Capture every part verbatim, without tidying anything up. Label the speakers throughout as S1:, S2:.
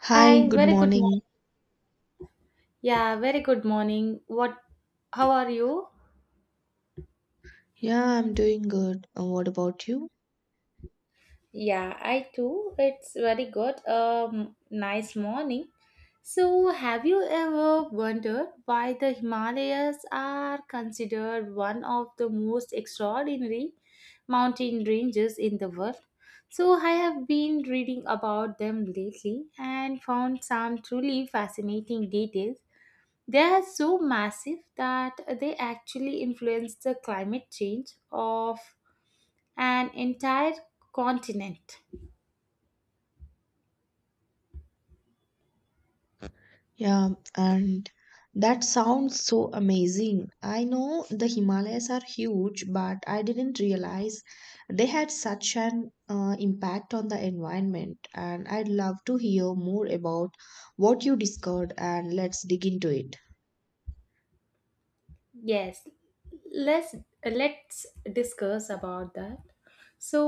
S1: Hi,
S2: Hi,
S1: good
S2: very good
S1: morning.
S2: morning. Yeah, very good morning. What, how are you?
S1: Yeah, I'm doing good. Uh, What about you?
S2: Yeah, I too. It's very good. Um, nice morning. So, have you ever wondered why the Himalayas are considered one of the most extraordinary mountain ranges in the world? So, I have been reading about them lately and found some truly fascinating details. They are so massive that they actually influence the climate change of an entire continent.
S1: Yeah, and that sounds so amazing. I know the Himalayas are huge, but I didn't realize they had such an uh, impact on the environment. And I'd love to hear more about what you discovered, and let's dig into it.
S2: Yes, let's let's discuss about that. So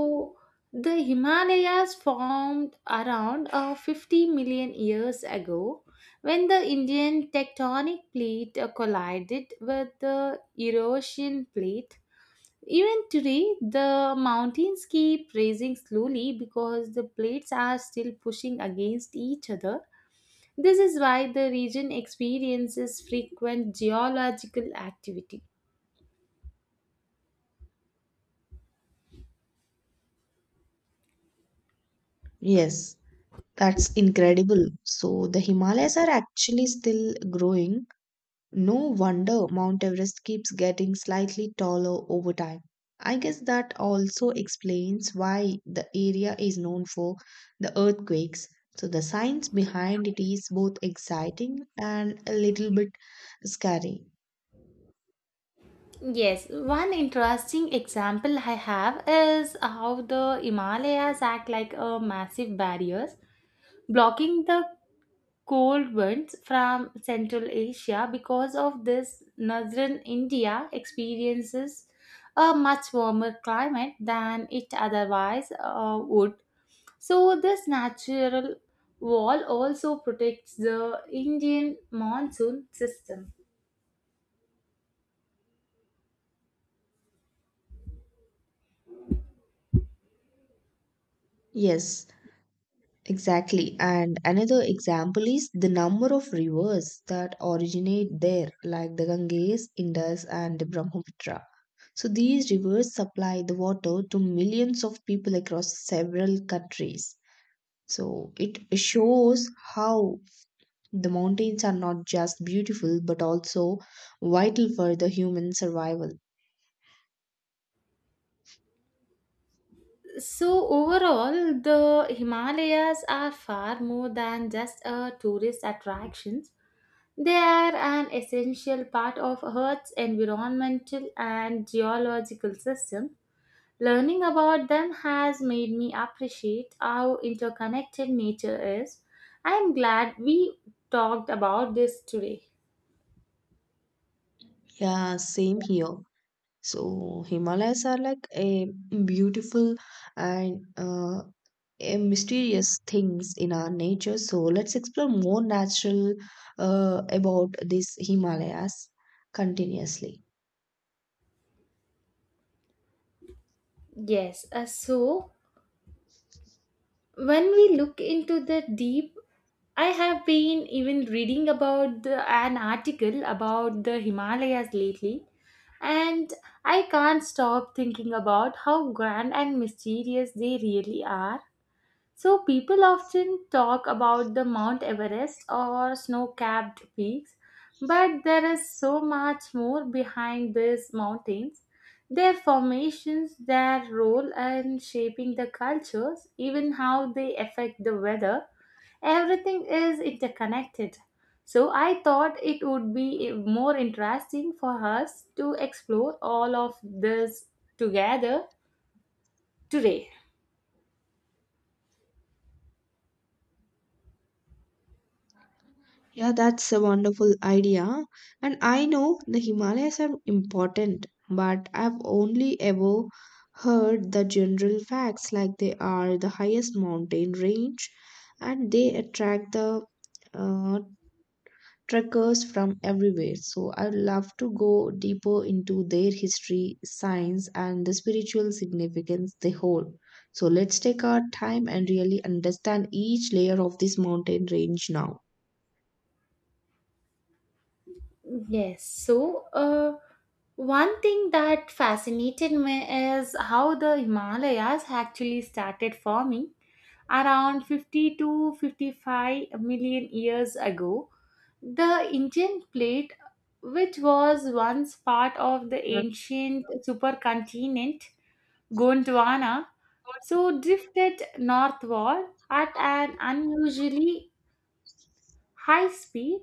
S2: the Himalayas formed around uh, fifty million years ago when the Indian tectonic plate uh, collided with the Eurasian plate. Even today, the mountains keep raising slowly because the plates are still pushing against each other. This is why the region experiences frequent geological activity.
S1: Yes, that's incredible. So the Himalayas are actually still growing. No wonder Mount Everest keeps getting slightly taller over time. I guess that also explains why the area is known for the earthquakes. So the science behind it is both exciting and a little bit scary.
S2: Yes, one interesting example I have is how the Himalayas act like a massive barriers, blocking the cold winds from Central Asia. Because of this, northern India experiences a much warmer climate than it otherwise uh, would. So, this natural wall also protects the Indian monsoon system.
S1: Yes, exactly. And another example is the number of rivers that originate there, like the Ganges, Indus, and the Brahmaputra. So these rivers supply the water to millions of people across several countries. So it shows how the mountains are not just beautiful but also vital for the human survival.
S2: So, overall, the Himalayas are far more than just a tourist attraction. They are an essential part of Earth's environmental and geological system. Learning about them has made me appreciate how interconnected nature is. I am glad we talked about this today.
S1: Yeah, same here. So Himalayas are like a beautiful and uh, a mysterious things in our nature. So let's explore more natural uh, about these Himalayas continuously.
S2: Yes, uh, so when we look into the deep, I have been even reading about the, an article about the Himalayas lately, and I can't stop thinking about how grand and mysterious they really are. So people often talk about the Mount Everest or snow-capped peaks, but there is so much more behind these mountains. Their formations, their role in shaping the cultures, even how they affect the weather, everything is interconnected. So I thought it would be more interesting for us to explore all of this together today.
S1: Yeah, that's a wonderful idea. And I know the Himalayas are important, but I've only ever heard the general facts like they are the highest mountain range and they attract the uh, trekkers from everywhere. So I'd love to go deeper into their history, science, and the spiritual significance they hold. So let's take our time and really understand each layer of this mountain range now.
S2: Yes. So, uh, One thing that fascinated me is how the Himalayas actually started forming around fifty to fifty-five million years ago. The Indian plate, which was once part of the ancient supercontinent Gondwana, so drifted northward at an unusually high speed,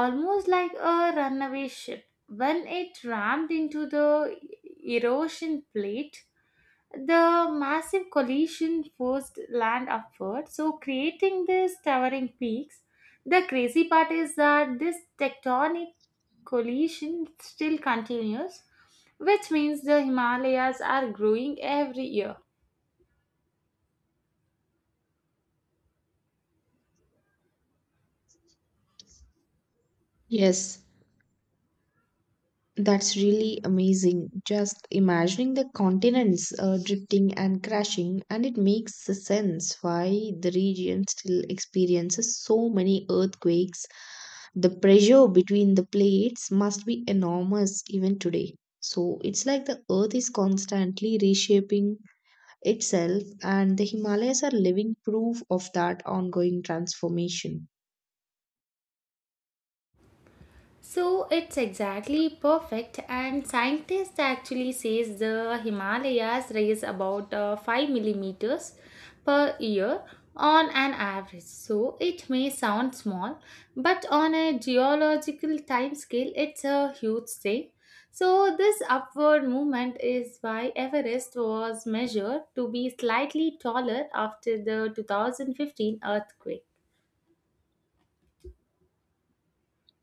S2: almost like a runaway ship. When it rammed into the erosion plate, the massive collision forced land upward, so creating these towering peaks. The crazy part is that this tectonic collision still continues, which means the Himalayas are growing every year.
S1: Yes, that's really amazing. Just imagining the continents uh, drifting and crashing, and it makes sense why the region still experiences so many earthquakes. The pressure between the plates must be enormous even today. So it's like the earth is constantly reshaping itself, and the Himalayas are living proof of that ongoing transformation.
S2: So it's exactly perfect, and scientists actually says the Himalayas raise about uh, five millimeters per year on an average. So it may sound small, but on a geological time scale it's a huge thing. So this upward movement is why Everest was measured to be slightly taller after the two thousand fifteen earthquake.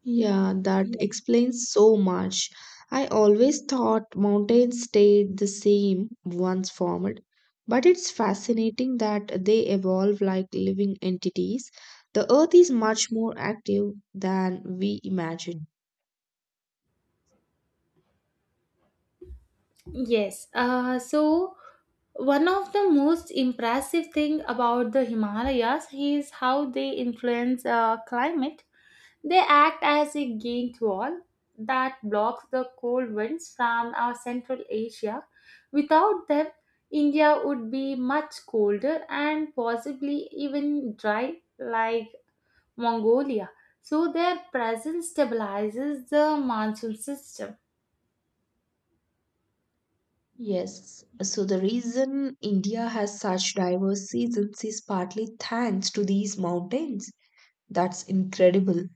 S1: Yeah, that explains so much. I always thought mountains stayed the same once formed, but it's fascinating that they evolve like living entities. The earth is much more active than we imagine.
S2: Yes. Uh, so one of the most impressive thing about the Himalayas is how they influence uh, climate. They act as a gate wall that blocks the cold winds from our Central Asia. Without them, India would be much colder and possibly even dry like Mongolia. So their presence stabilizes the monsoon system.
S1: Yes, so the reason India has such diverse seasons is partly thanks to these mountains. That's incredible.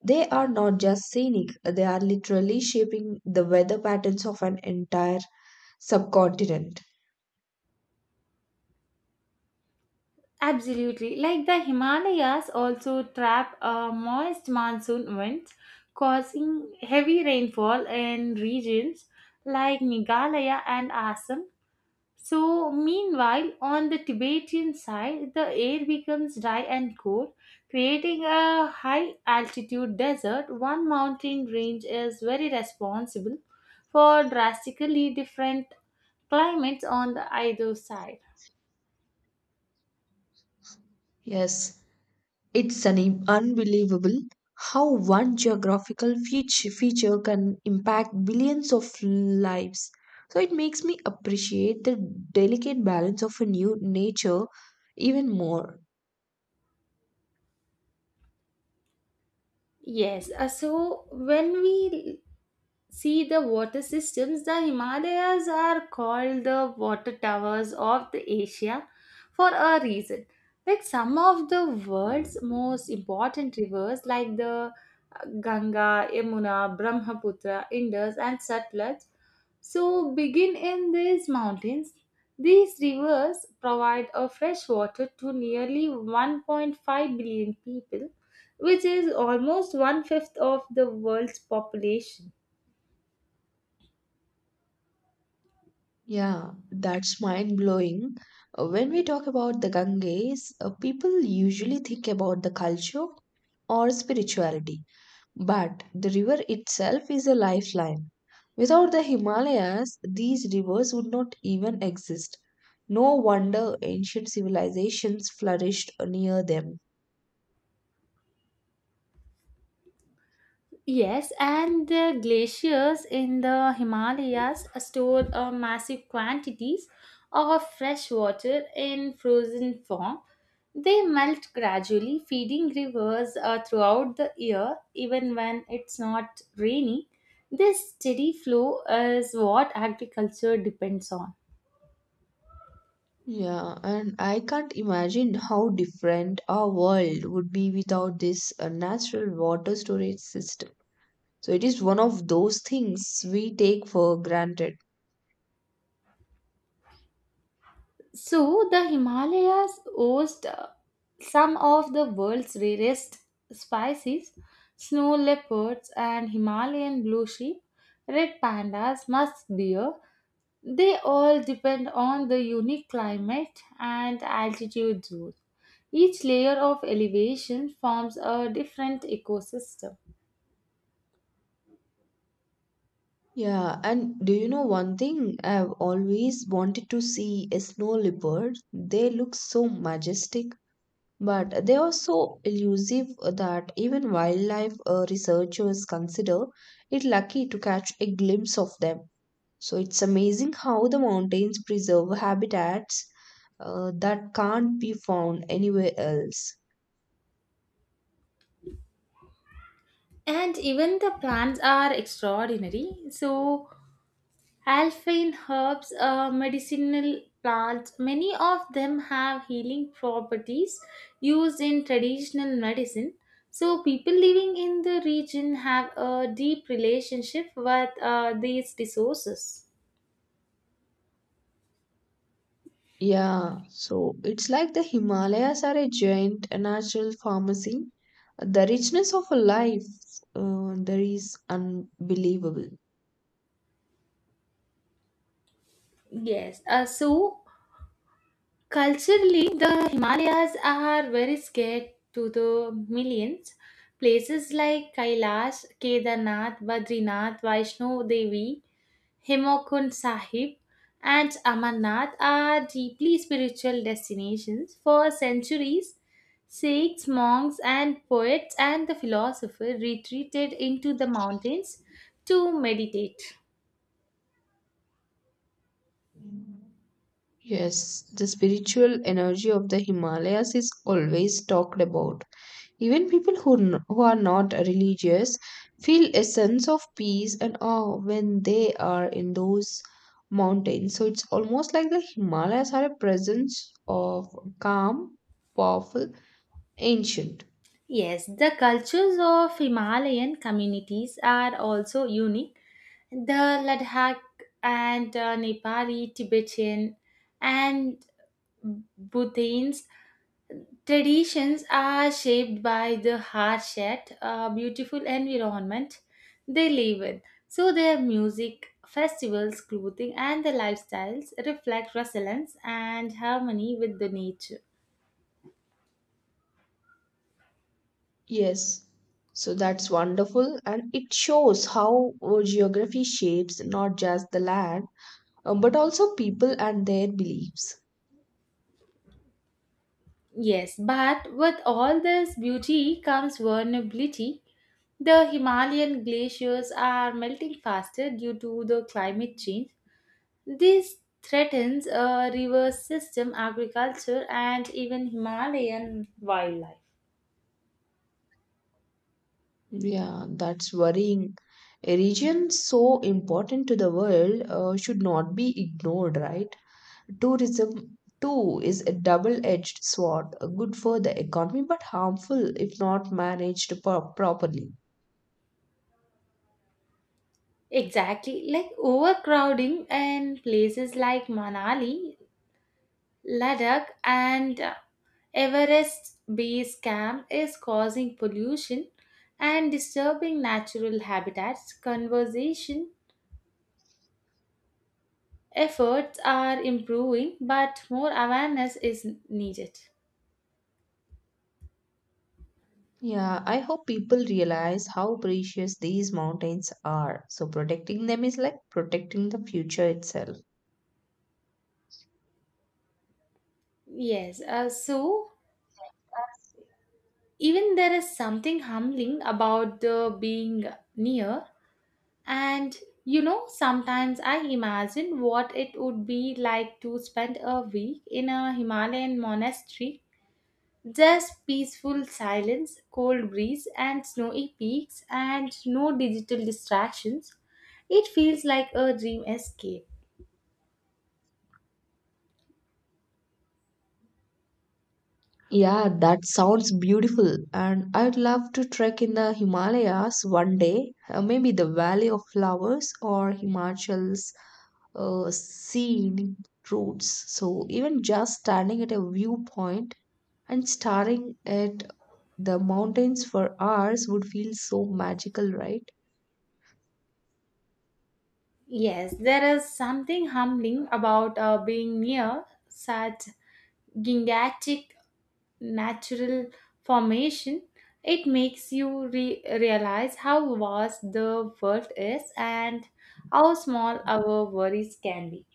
S1: They are not just scenic, they are literally shaping the weather patterns of an entire subcontinent.
S2: Absolutely. Like the Himalayas also trap uh, moist monsoon winds, causing heavy rainfall in regions like Meghalaya and Assam. So, meanwhile, on the Tibetan side, the air becomes dry and cold, creating a high altitude desert. One mountain range is very responsible for drastically different climates on the either side.
S1: Yes, it's an im- unbelievable how one geographical feature, feature can impact billions of lives. So it makes me appreciate the delicate balance of a new nature even more.
S2: Yes, uh, so when we see the water systems, the Himalayas are called the water towers of the Asia for a reason. Like some of the world's most important rivers, like the uh, Ganga, Yamuna, Brahmaputra, Indus, and Satluj, so, begin in these mountains. These rivers provide a fresh water to nearly one point five billion people, which is almost one fifth of the world's population.
S1: Yeah, that's mind blowing. Uh, When we talk about the Ganges, uh, people usually think about the culture or spirituality, but the river itself is a lifeline. Without the Himalayas, these rivers would not even exist. No wonder ancient civilizations flourished near them.
S2: Yes, and the glaciers in the Himalayas store uh, massive quantities of fresh water in frozen form. They melt gradually, feeding rivers uh, throughout the year, even when it's not rainy. This steady flow is what agriculture depends on.
S1: Yeah, and I can't imagine how different our world would be without this uh, natural water storage system. So it is one of those things we take for granted.
S2: So, the Himalayas host uh, some of the world's rarest species: snow leopards and Himalayan blue sheep, red pandas, musk deer. They all depend on the unique climate and altitude zones. Each layer of elevation forms a different ecosystem.
S1: Yeah, and do you know one thing? I've always wanted to see a snow leopard. They look so majestic, but they are so elusive that even wildlife uh, researchers consider it lucky to catch a glimpse of them. So it's amazing how the mountains preserve habitats uh, that can't be found anywhere else.
S2: And even the plants are extraordinary. So, Alpine herbs are medicinal plants. Many of them have healing properties used in traditional medicine. So, people living in the region have a deep relationship with uh, these resources.
S1: Yeah, so it's like the Himalayas are a giant natural pharmacy. The richness of a life uh, there is unbelievable.
S2: Yes, uh, so culturally, the Himalayas are very scared to the millions. Places like Kailash, Kedarnath, Badrinath, Vaishno Devi, Hemokund Sahib, and Amarnath are deeply spiritual destinations. For centuries, Sikhs, monks, and poets and the philosophers retreated into the mountains to meditate.
S1: Yes, the spiritual energy of the Himalayas is always talked about. Even people who, n- who are not religious feel a sense of peace and awe when they are in those mountains. So it's almost like the Himalayas are a presence of calm, powerful, ancient.
S2: Yes, the cultures of Himalayan communities are also unique. The Ladakh and uh, Nepali, Tibetan, and Bhutan traditions are shaped by the harsh yet uh, beautiful environment they live in. So, their music, festivals, clothing, and their lifestyles reflect resilience and harmony with the nature.
S1: Yes, so that's wonderful, and it shows how uh, geography shapes not just the land, uh, but also people and their beliefs.
S2: Yes, but with all this beauty comes vulnerability. The Himalayan glaciers are melting faster due to the climate change. This threatens a river system, agriculture, and even Himalayan wildlife.
S1: Yeah, that's worrying. A region so important to the world uh, should not be ignored, right? Tourism, too, is a double-edged sword, uh, good for the economy, but harmful if not managed pro- properly.
S2: Exactly, like overcrowding in places like Manali, Ladakh, and uh, Everest base camp is causing pollution and disturbing natural habitats. Conservation efforts are improving, but more awareness is needed.
S1: Yeah, I hope people realize how precious these mountains are. So protecting them is like protecting the future itself.
S2: Yes, uh, so even there is something humbling about the being near. And you know, sometimes I imagine what it would be like to spend a week in a Himalayan monastery. Just peaceful silence, cold breeze, and snowy peaks, and no digital distractions. It feels like a dream escape.
S1: Yeah, that sounds beautiful. And I'd love to trek in the Himalayas one day, uh, maybe the Valley of Flowers or Himachal's uh, scenic routes. So even just standing at a viewpoint and staring at the mountains for hours would feel so magical, right?
S2: Yes, there is something humbling about uh, being near such gigantic natural formation. It makes you re- realize how vast the world is and how small our worries can be.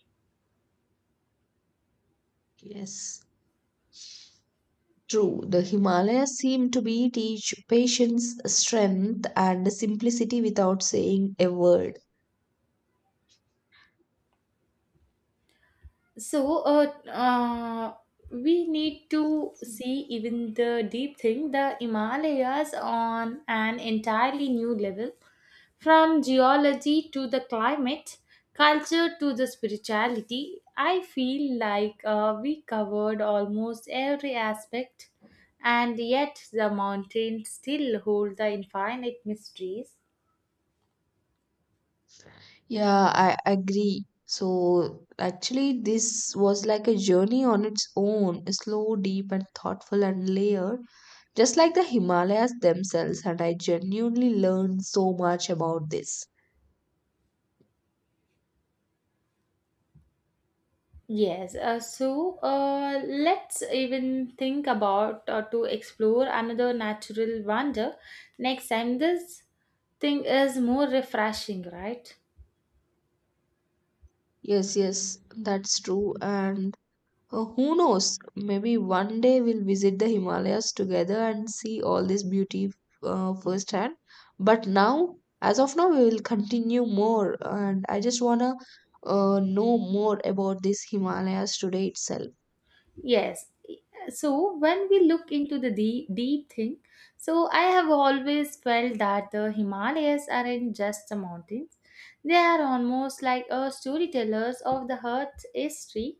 S1: Yes. True, the Himalayas seem to be teach patience, strength, and simplicity without saying a word.
S2: So uh, uh we need to see even the deep thing, the Himalayas, on an entirely new level. From geology to the climate, culture to the spirituality, I feel like uh, we covered almost every aspect, and yet the mountains still hold the infinite mysteries.
S1: Yeah, I agree. So actually, this was like a journey on its own, slow, deep, and thoughtful and layered, just like the Himalayas themselves. And I genuinely learned so much about this.
S2: Yes, uh, so uh, let's even think about uh, to explore another natural wonder next time. This thing is more refreshing, right?
S1: Yes, yes, that's true. And Uh, who knows? Maybe one day we'll visit the Himalayas together and see all this beauty uh, firsthand. But now, as of now, we will continue more. And I just want to uh, know more about this Himalayas today itself.
S2: Yes. So when we look into the deep, deep thing, so I have always felt that the Himalayas aren't just the mountains; they are almost like a storytellers of the Earth's history.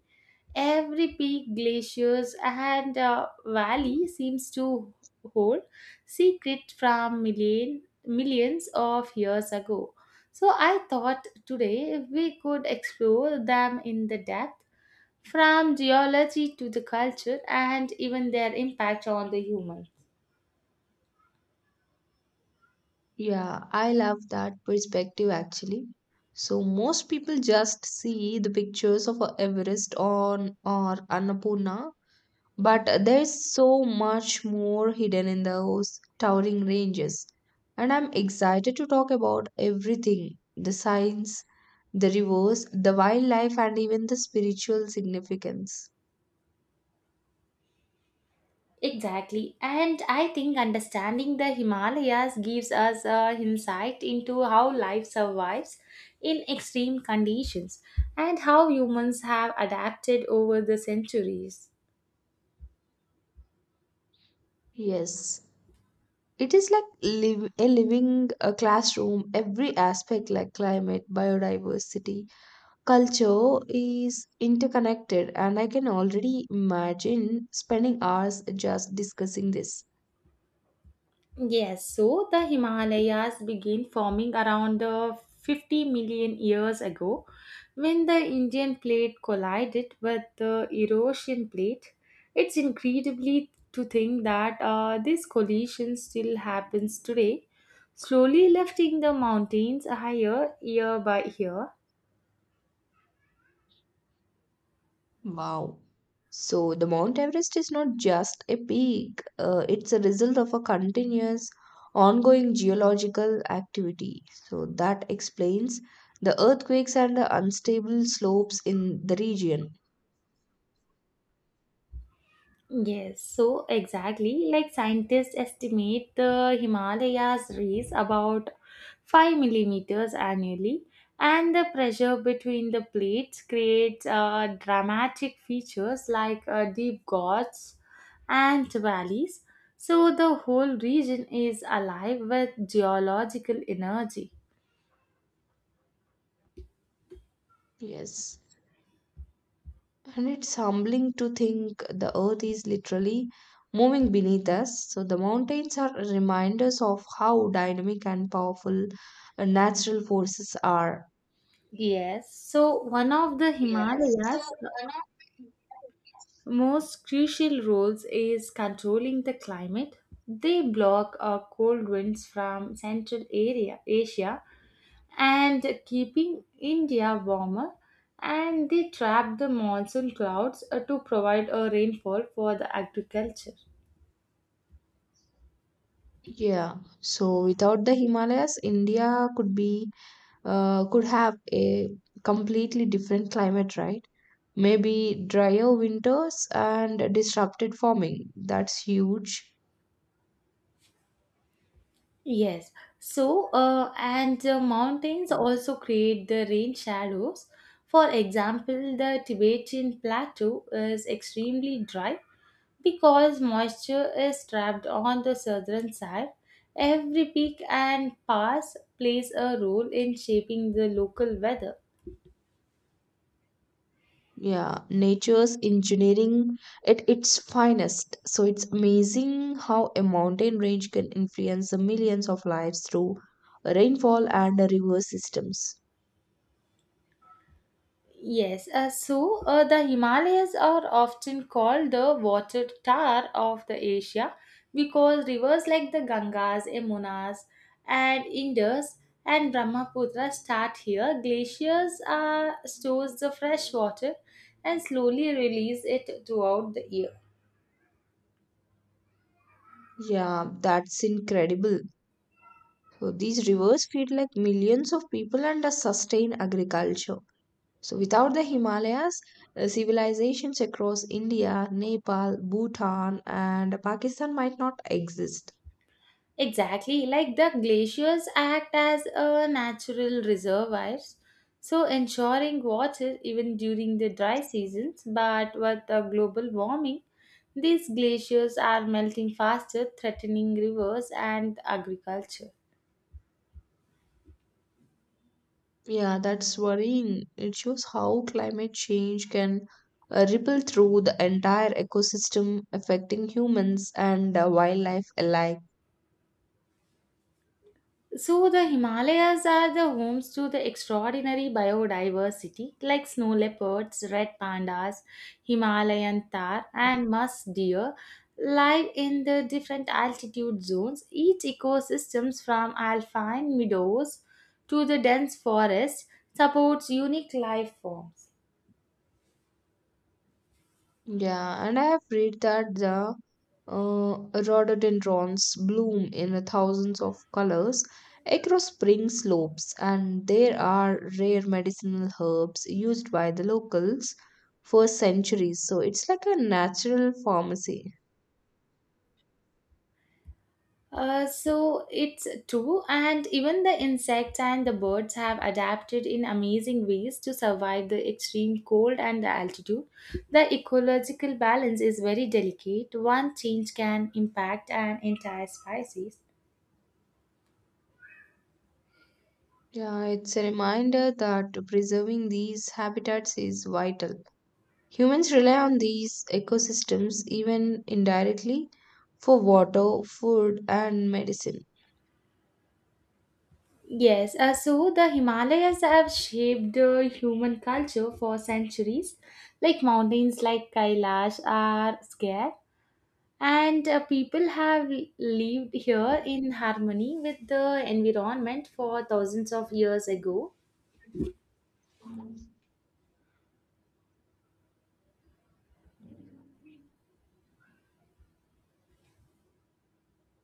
S2: Every peak, glaciers, and uh, valley seems to hold secret from million, millions of years ago. So I thought today we could explore them in the depth, from geology to the culture and even their impact on the human.
S1: Yeah, I love that perspective actually. So most people just see the pictures of uh, Everest on or Annapurna. But there is so much more hidden in those towering ranges. And I'm excited to talk about everything: the science, the rivers, the wildlife, and even the spiritual significance.
S2: Exactly. And I think understanding the Himalayas gives us a insight into how life survives in extreme conditions and how humans have adapted over the centuries.
S1: Yes, it is like live, a living a classroom. Every aspect, like climate, biodiversity, culture, is interconnected, and I can already imagine spending hours just discussing this.
S2: Yes, so the Himalayas began forming around uh, fifty million years ago when the Indian plate collided with the Eurasian plate. It's incredibly to think that uh, this collision still happens today, slowly lifting the mountains higher year by year.
S1: Wow. So the Mount Everest is not just a peak, uh, it's a result of a continuous, ongoing geological activity. So that explains the earthquakes and the unstable slopes in the region.
S2: Yes, so exactly like scientists estimate the Himalayas raise about five millimeters annually, and the pressure between the plates creates uh, dramatic features like uh, deep gorges and valleys. So the whole region is alive with geological energy.
S1: Yes. And it's humbling to think the earth is literally moving beneath us. So the mountains are reminders of how dynamic and powerful uh, natural forces are.
S2: Yes, so one of the
S1: Yes. So
S2: Himalayas
S1: one of.
S2: most crucial roles is controlling the climate. They block uh, cold winds from Central area, Asia, and keeping India warmer. And they trap the monsoon clouds uh, to provide a rainfall for the agriculture.
S1: Yeah, so without the Himalayas, India could be uh, could have a completely different climate, right? Maybe drier winters and disrupted farming. That's huge.
S2: Yes. So, uh, and the mountains also create the rain shadows. For example, the Tibetan plateau is extremely dry. Because moisture is trapped on the southern side, every peak and pass plays a role in shaping the local weather.
S1: Yeah, nature's engineering at its finest. So it's amazing how a mountain range can influence the millions of lives through rainfall and river systems.
S2: Yes, uh, so uh, the Himalayas are often called the water tower of the Asia because rivers like the Gangas, Yamunas, and Indus and Brahmaputra start here. Glaciers uh, stores the fresh water and slowly release it throughout the year.
S1: Yeah, that's incredible. So these rivers feed like millions of people and uh, sustain agriculture. So without the Himalayas, uh, civilizations across India, Nepal, Bhutan, and Pakistan might not exist.
S2: Exactly, like the glaciers act as a natural reservoirs, so ensuring water even during the dry seasons. But with the global warming, these glaciers are melting faster, threatening rivers and agriculture.
S1: Yeah, that's worrying. It shows how climate change can uh, ripple through the entire ecosystem, affecting humans and uh, wildlife alike.
S2: So, the Himalayas are the homes to the extraordinary biodiversity like snow leopards, red pandas, Himalayan tar, and musk deer live in the different altitude zones. Each ecosystems from alpine meadows to the dense forest supports unique life forms.
S1: Yeah, and I have read that the uh, rhododendrons bloom in thousands of colors across spring slopes, and there are rare medicinal herbs used by the locals for centuries. So it's like a natural pharmacy.
S2: Uh, so it's true, and even the insects and the birds have adapted in amazing ways to survive the extreme cold and the altitude. The ecological balance is very delicate. One change can impact an entire species.
S1: Yeah, it's a reminder that preserving these habitats is vital. Humans rely on these ecosystems even indirectly for water, food, and medicine.
S2: Yes, uh, so the Himalayas have shaped the human culture for centuries. Like mountains like Kailash are scarce, and uh, people have lived here in harmony with the environment for thousands of years ago.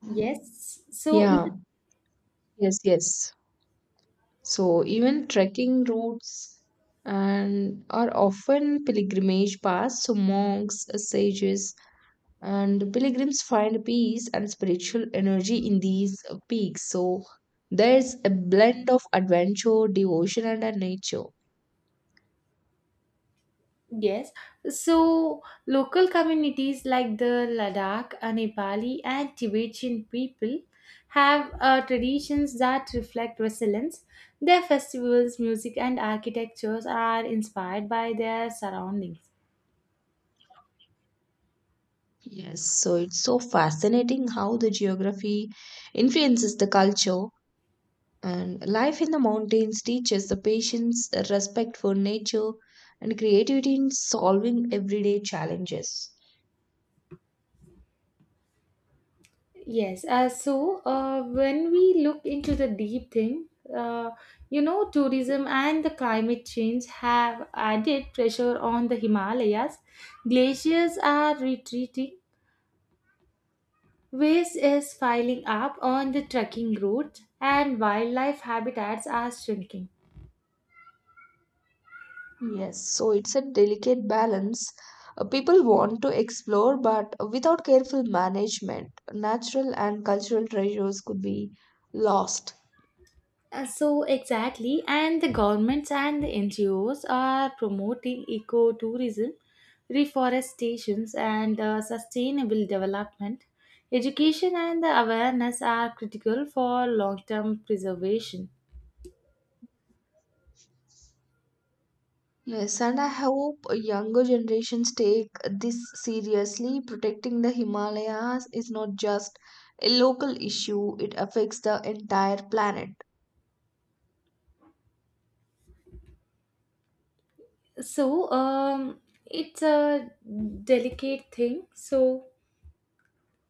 S2: Yes, so
S1: Yeah, yes, yes. So even trekking routes and are often pilgrimage paths. So monks, sages, and pilgrims find peace and spiritual energy in these uh, peaks. So there's a blend of adventure, devotion, and uh, nature.
S2: yes so local communities like the Ladakh, uh, Nepali and Tibetan people have uh, traditions that reflect resilience. Their festivals, music and architectures are inspired by their surroundings.
S1: Yes, so it's so fascinating how the geography influences the culture. And life in the mountains teaches the patience, respect for nature, and creativity in solving everyday challenges.
S2: Yes, uh, so uh, when we look into the deep thing, uh, you know, tourism and the climate change have added pressure on the Himalayas. Glaciers are retreating, waste is piling up on the trekking routes, and wildlife habitats are shrinking.
S1: Yes, so it's a delicate balance. Uh, People want to explore, but without careful management, natural and cultural treasures could be lost.
S2: Uh, so exactly, and the governments and the N G Os are promoting ecotourism, reforestations, and uh, sustainable development. Education and the awareness are critical for long-term preservation.
S1: Yes, and I hope younger generations take this seriously. Protecting the Himalayas is not just a local issue, it affects the entire planet.
S2: So um, it's a delicate thing. So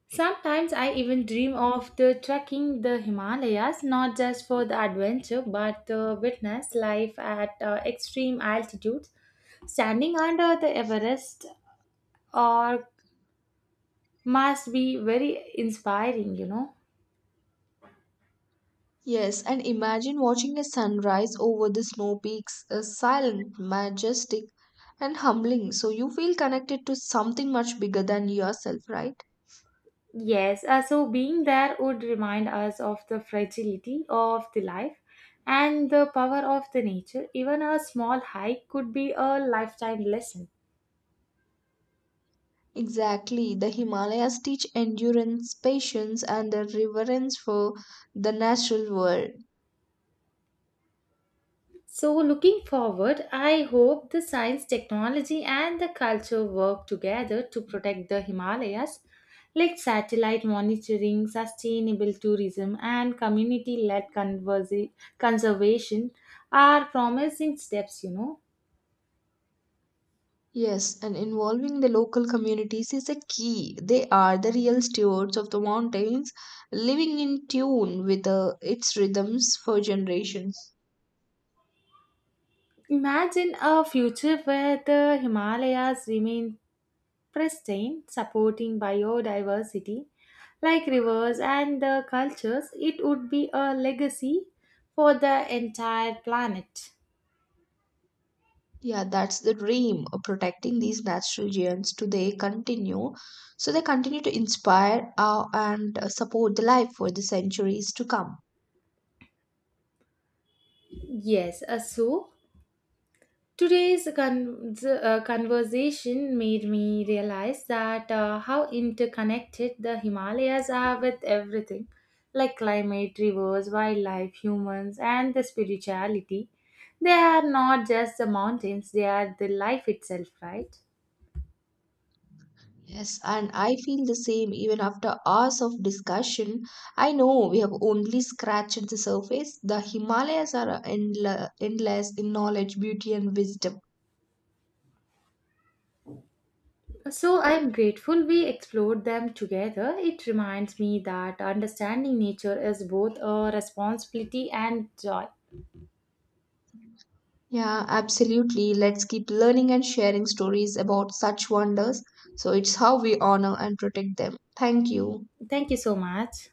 S2: sometimes I even dream of the trekking the Himalayas, not just for the adventure, but to witness life at uh, extreme altitudes. Standing under the Everest or must be very inspiring, you know.
S1: Yes, and imagine watching a sunrise over the snow peaks, uh, silent, majestic, and humbling. So you feel connected to something much bigger than yourself, right?
S2: Yes, uh, so being there would remind us of the fragility of the life and the power of the nature. Even a small hike could be a lifetime lesson.
S1: Exactly. The Himalayas teach endurance, patience, and a reverence for the natural world.
S2: So, looking forward, I hope the science, technology, and the culture work together to protect the Himalayas, like satellite monitoring, sustainable tourism, and community led conservation are promising steps, you know.
S1: Yes, and involving the local communities is a key. They are the real stewards of the mountains, living in tune with uh, its rhythms for generations.
S2: Imagine a future where the Himalayas remain pristine, supporting biodiversity like rivers and the cultures, it would be a legacy for the entire planet.
S1: Yeah, that's the dream of protecting these natural giants to they continue. So they continue to inspire uh, and uh, support the life for the centuries to come.
S2: Yes, uh, so today's con- uh, conversation made me realize that uh, how interconnected the Himalayas are with everything like climate, rivers, wildlife, humans, and the spirituality. They are not just the mountains, they are the life itself, right?
S1: Yes, and I feel the same even after hours of discussion. I know we have only scratched the surface. The Himalayas are endle- endless in knowledge, beauty, and wisdom.
S2: So I'm grateful we explored them together. It reminds me that understanding nature is both a responsibility and joy.
S1: Yeah, absolutely. Let's keep learning and sharing stories about such wonders. So it's how we honor and protect them. Thank you.
S2: Thank you so much.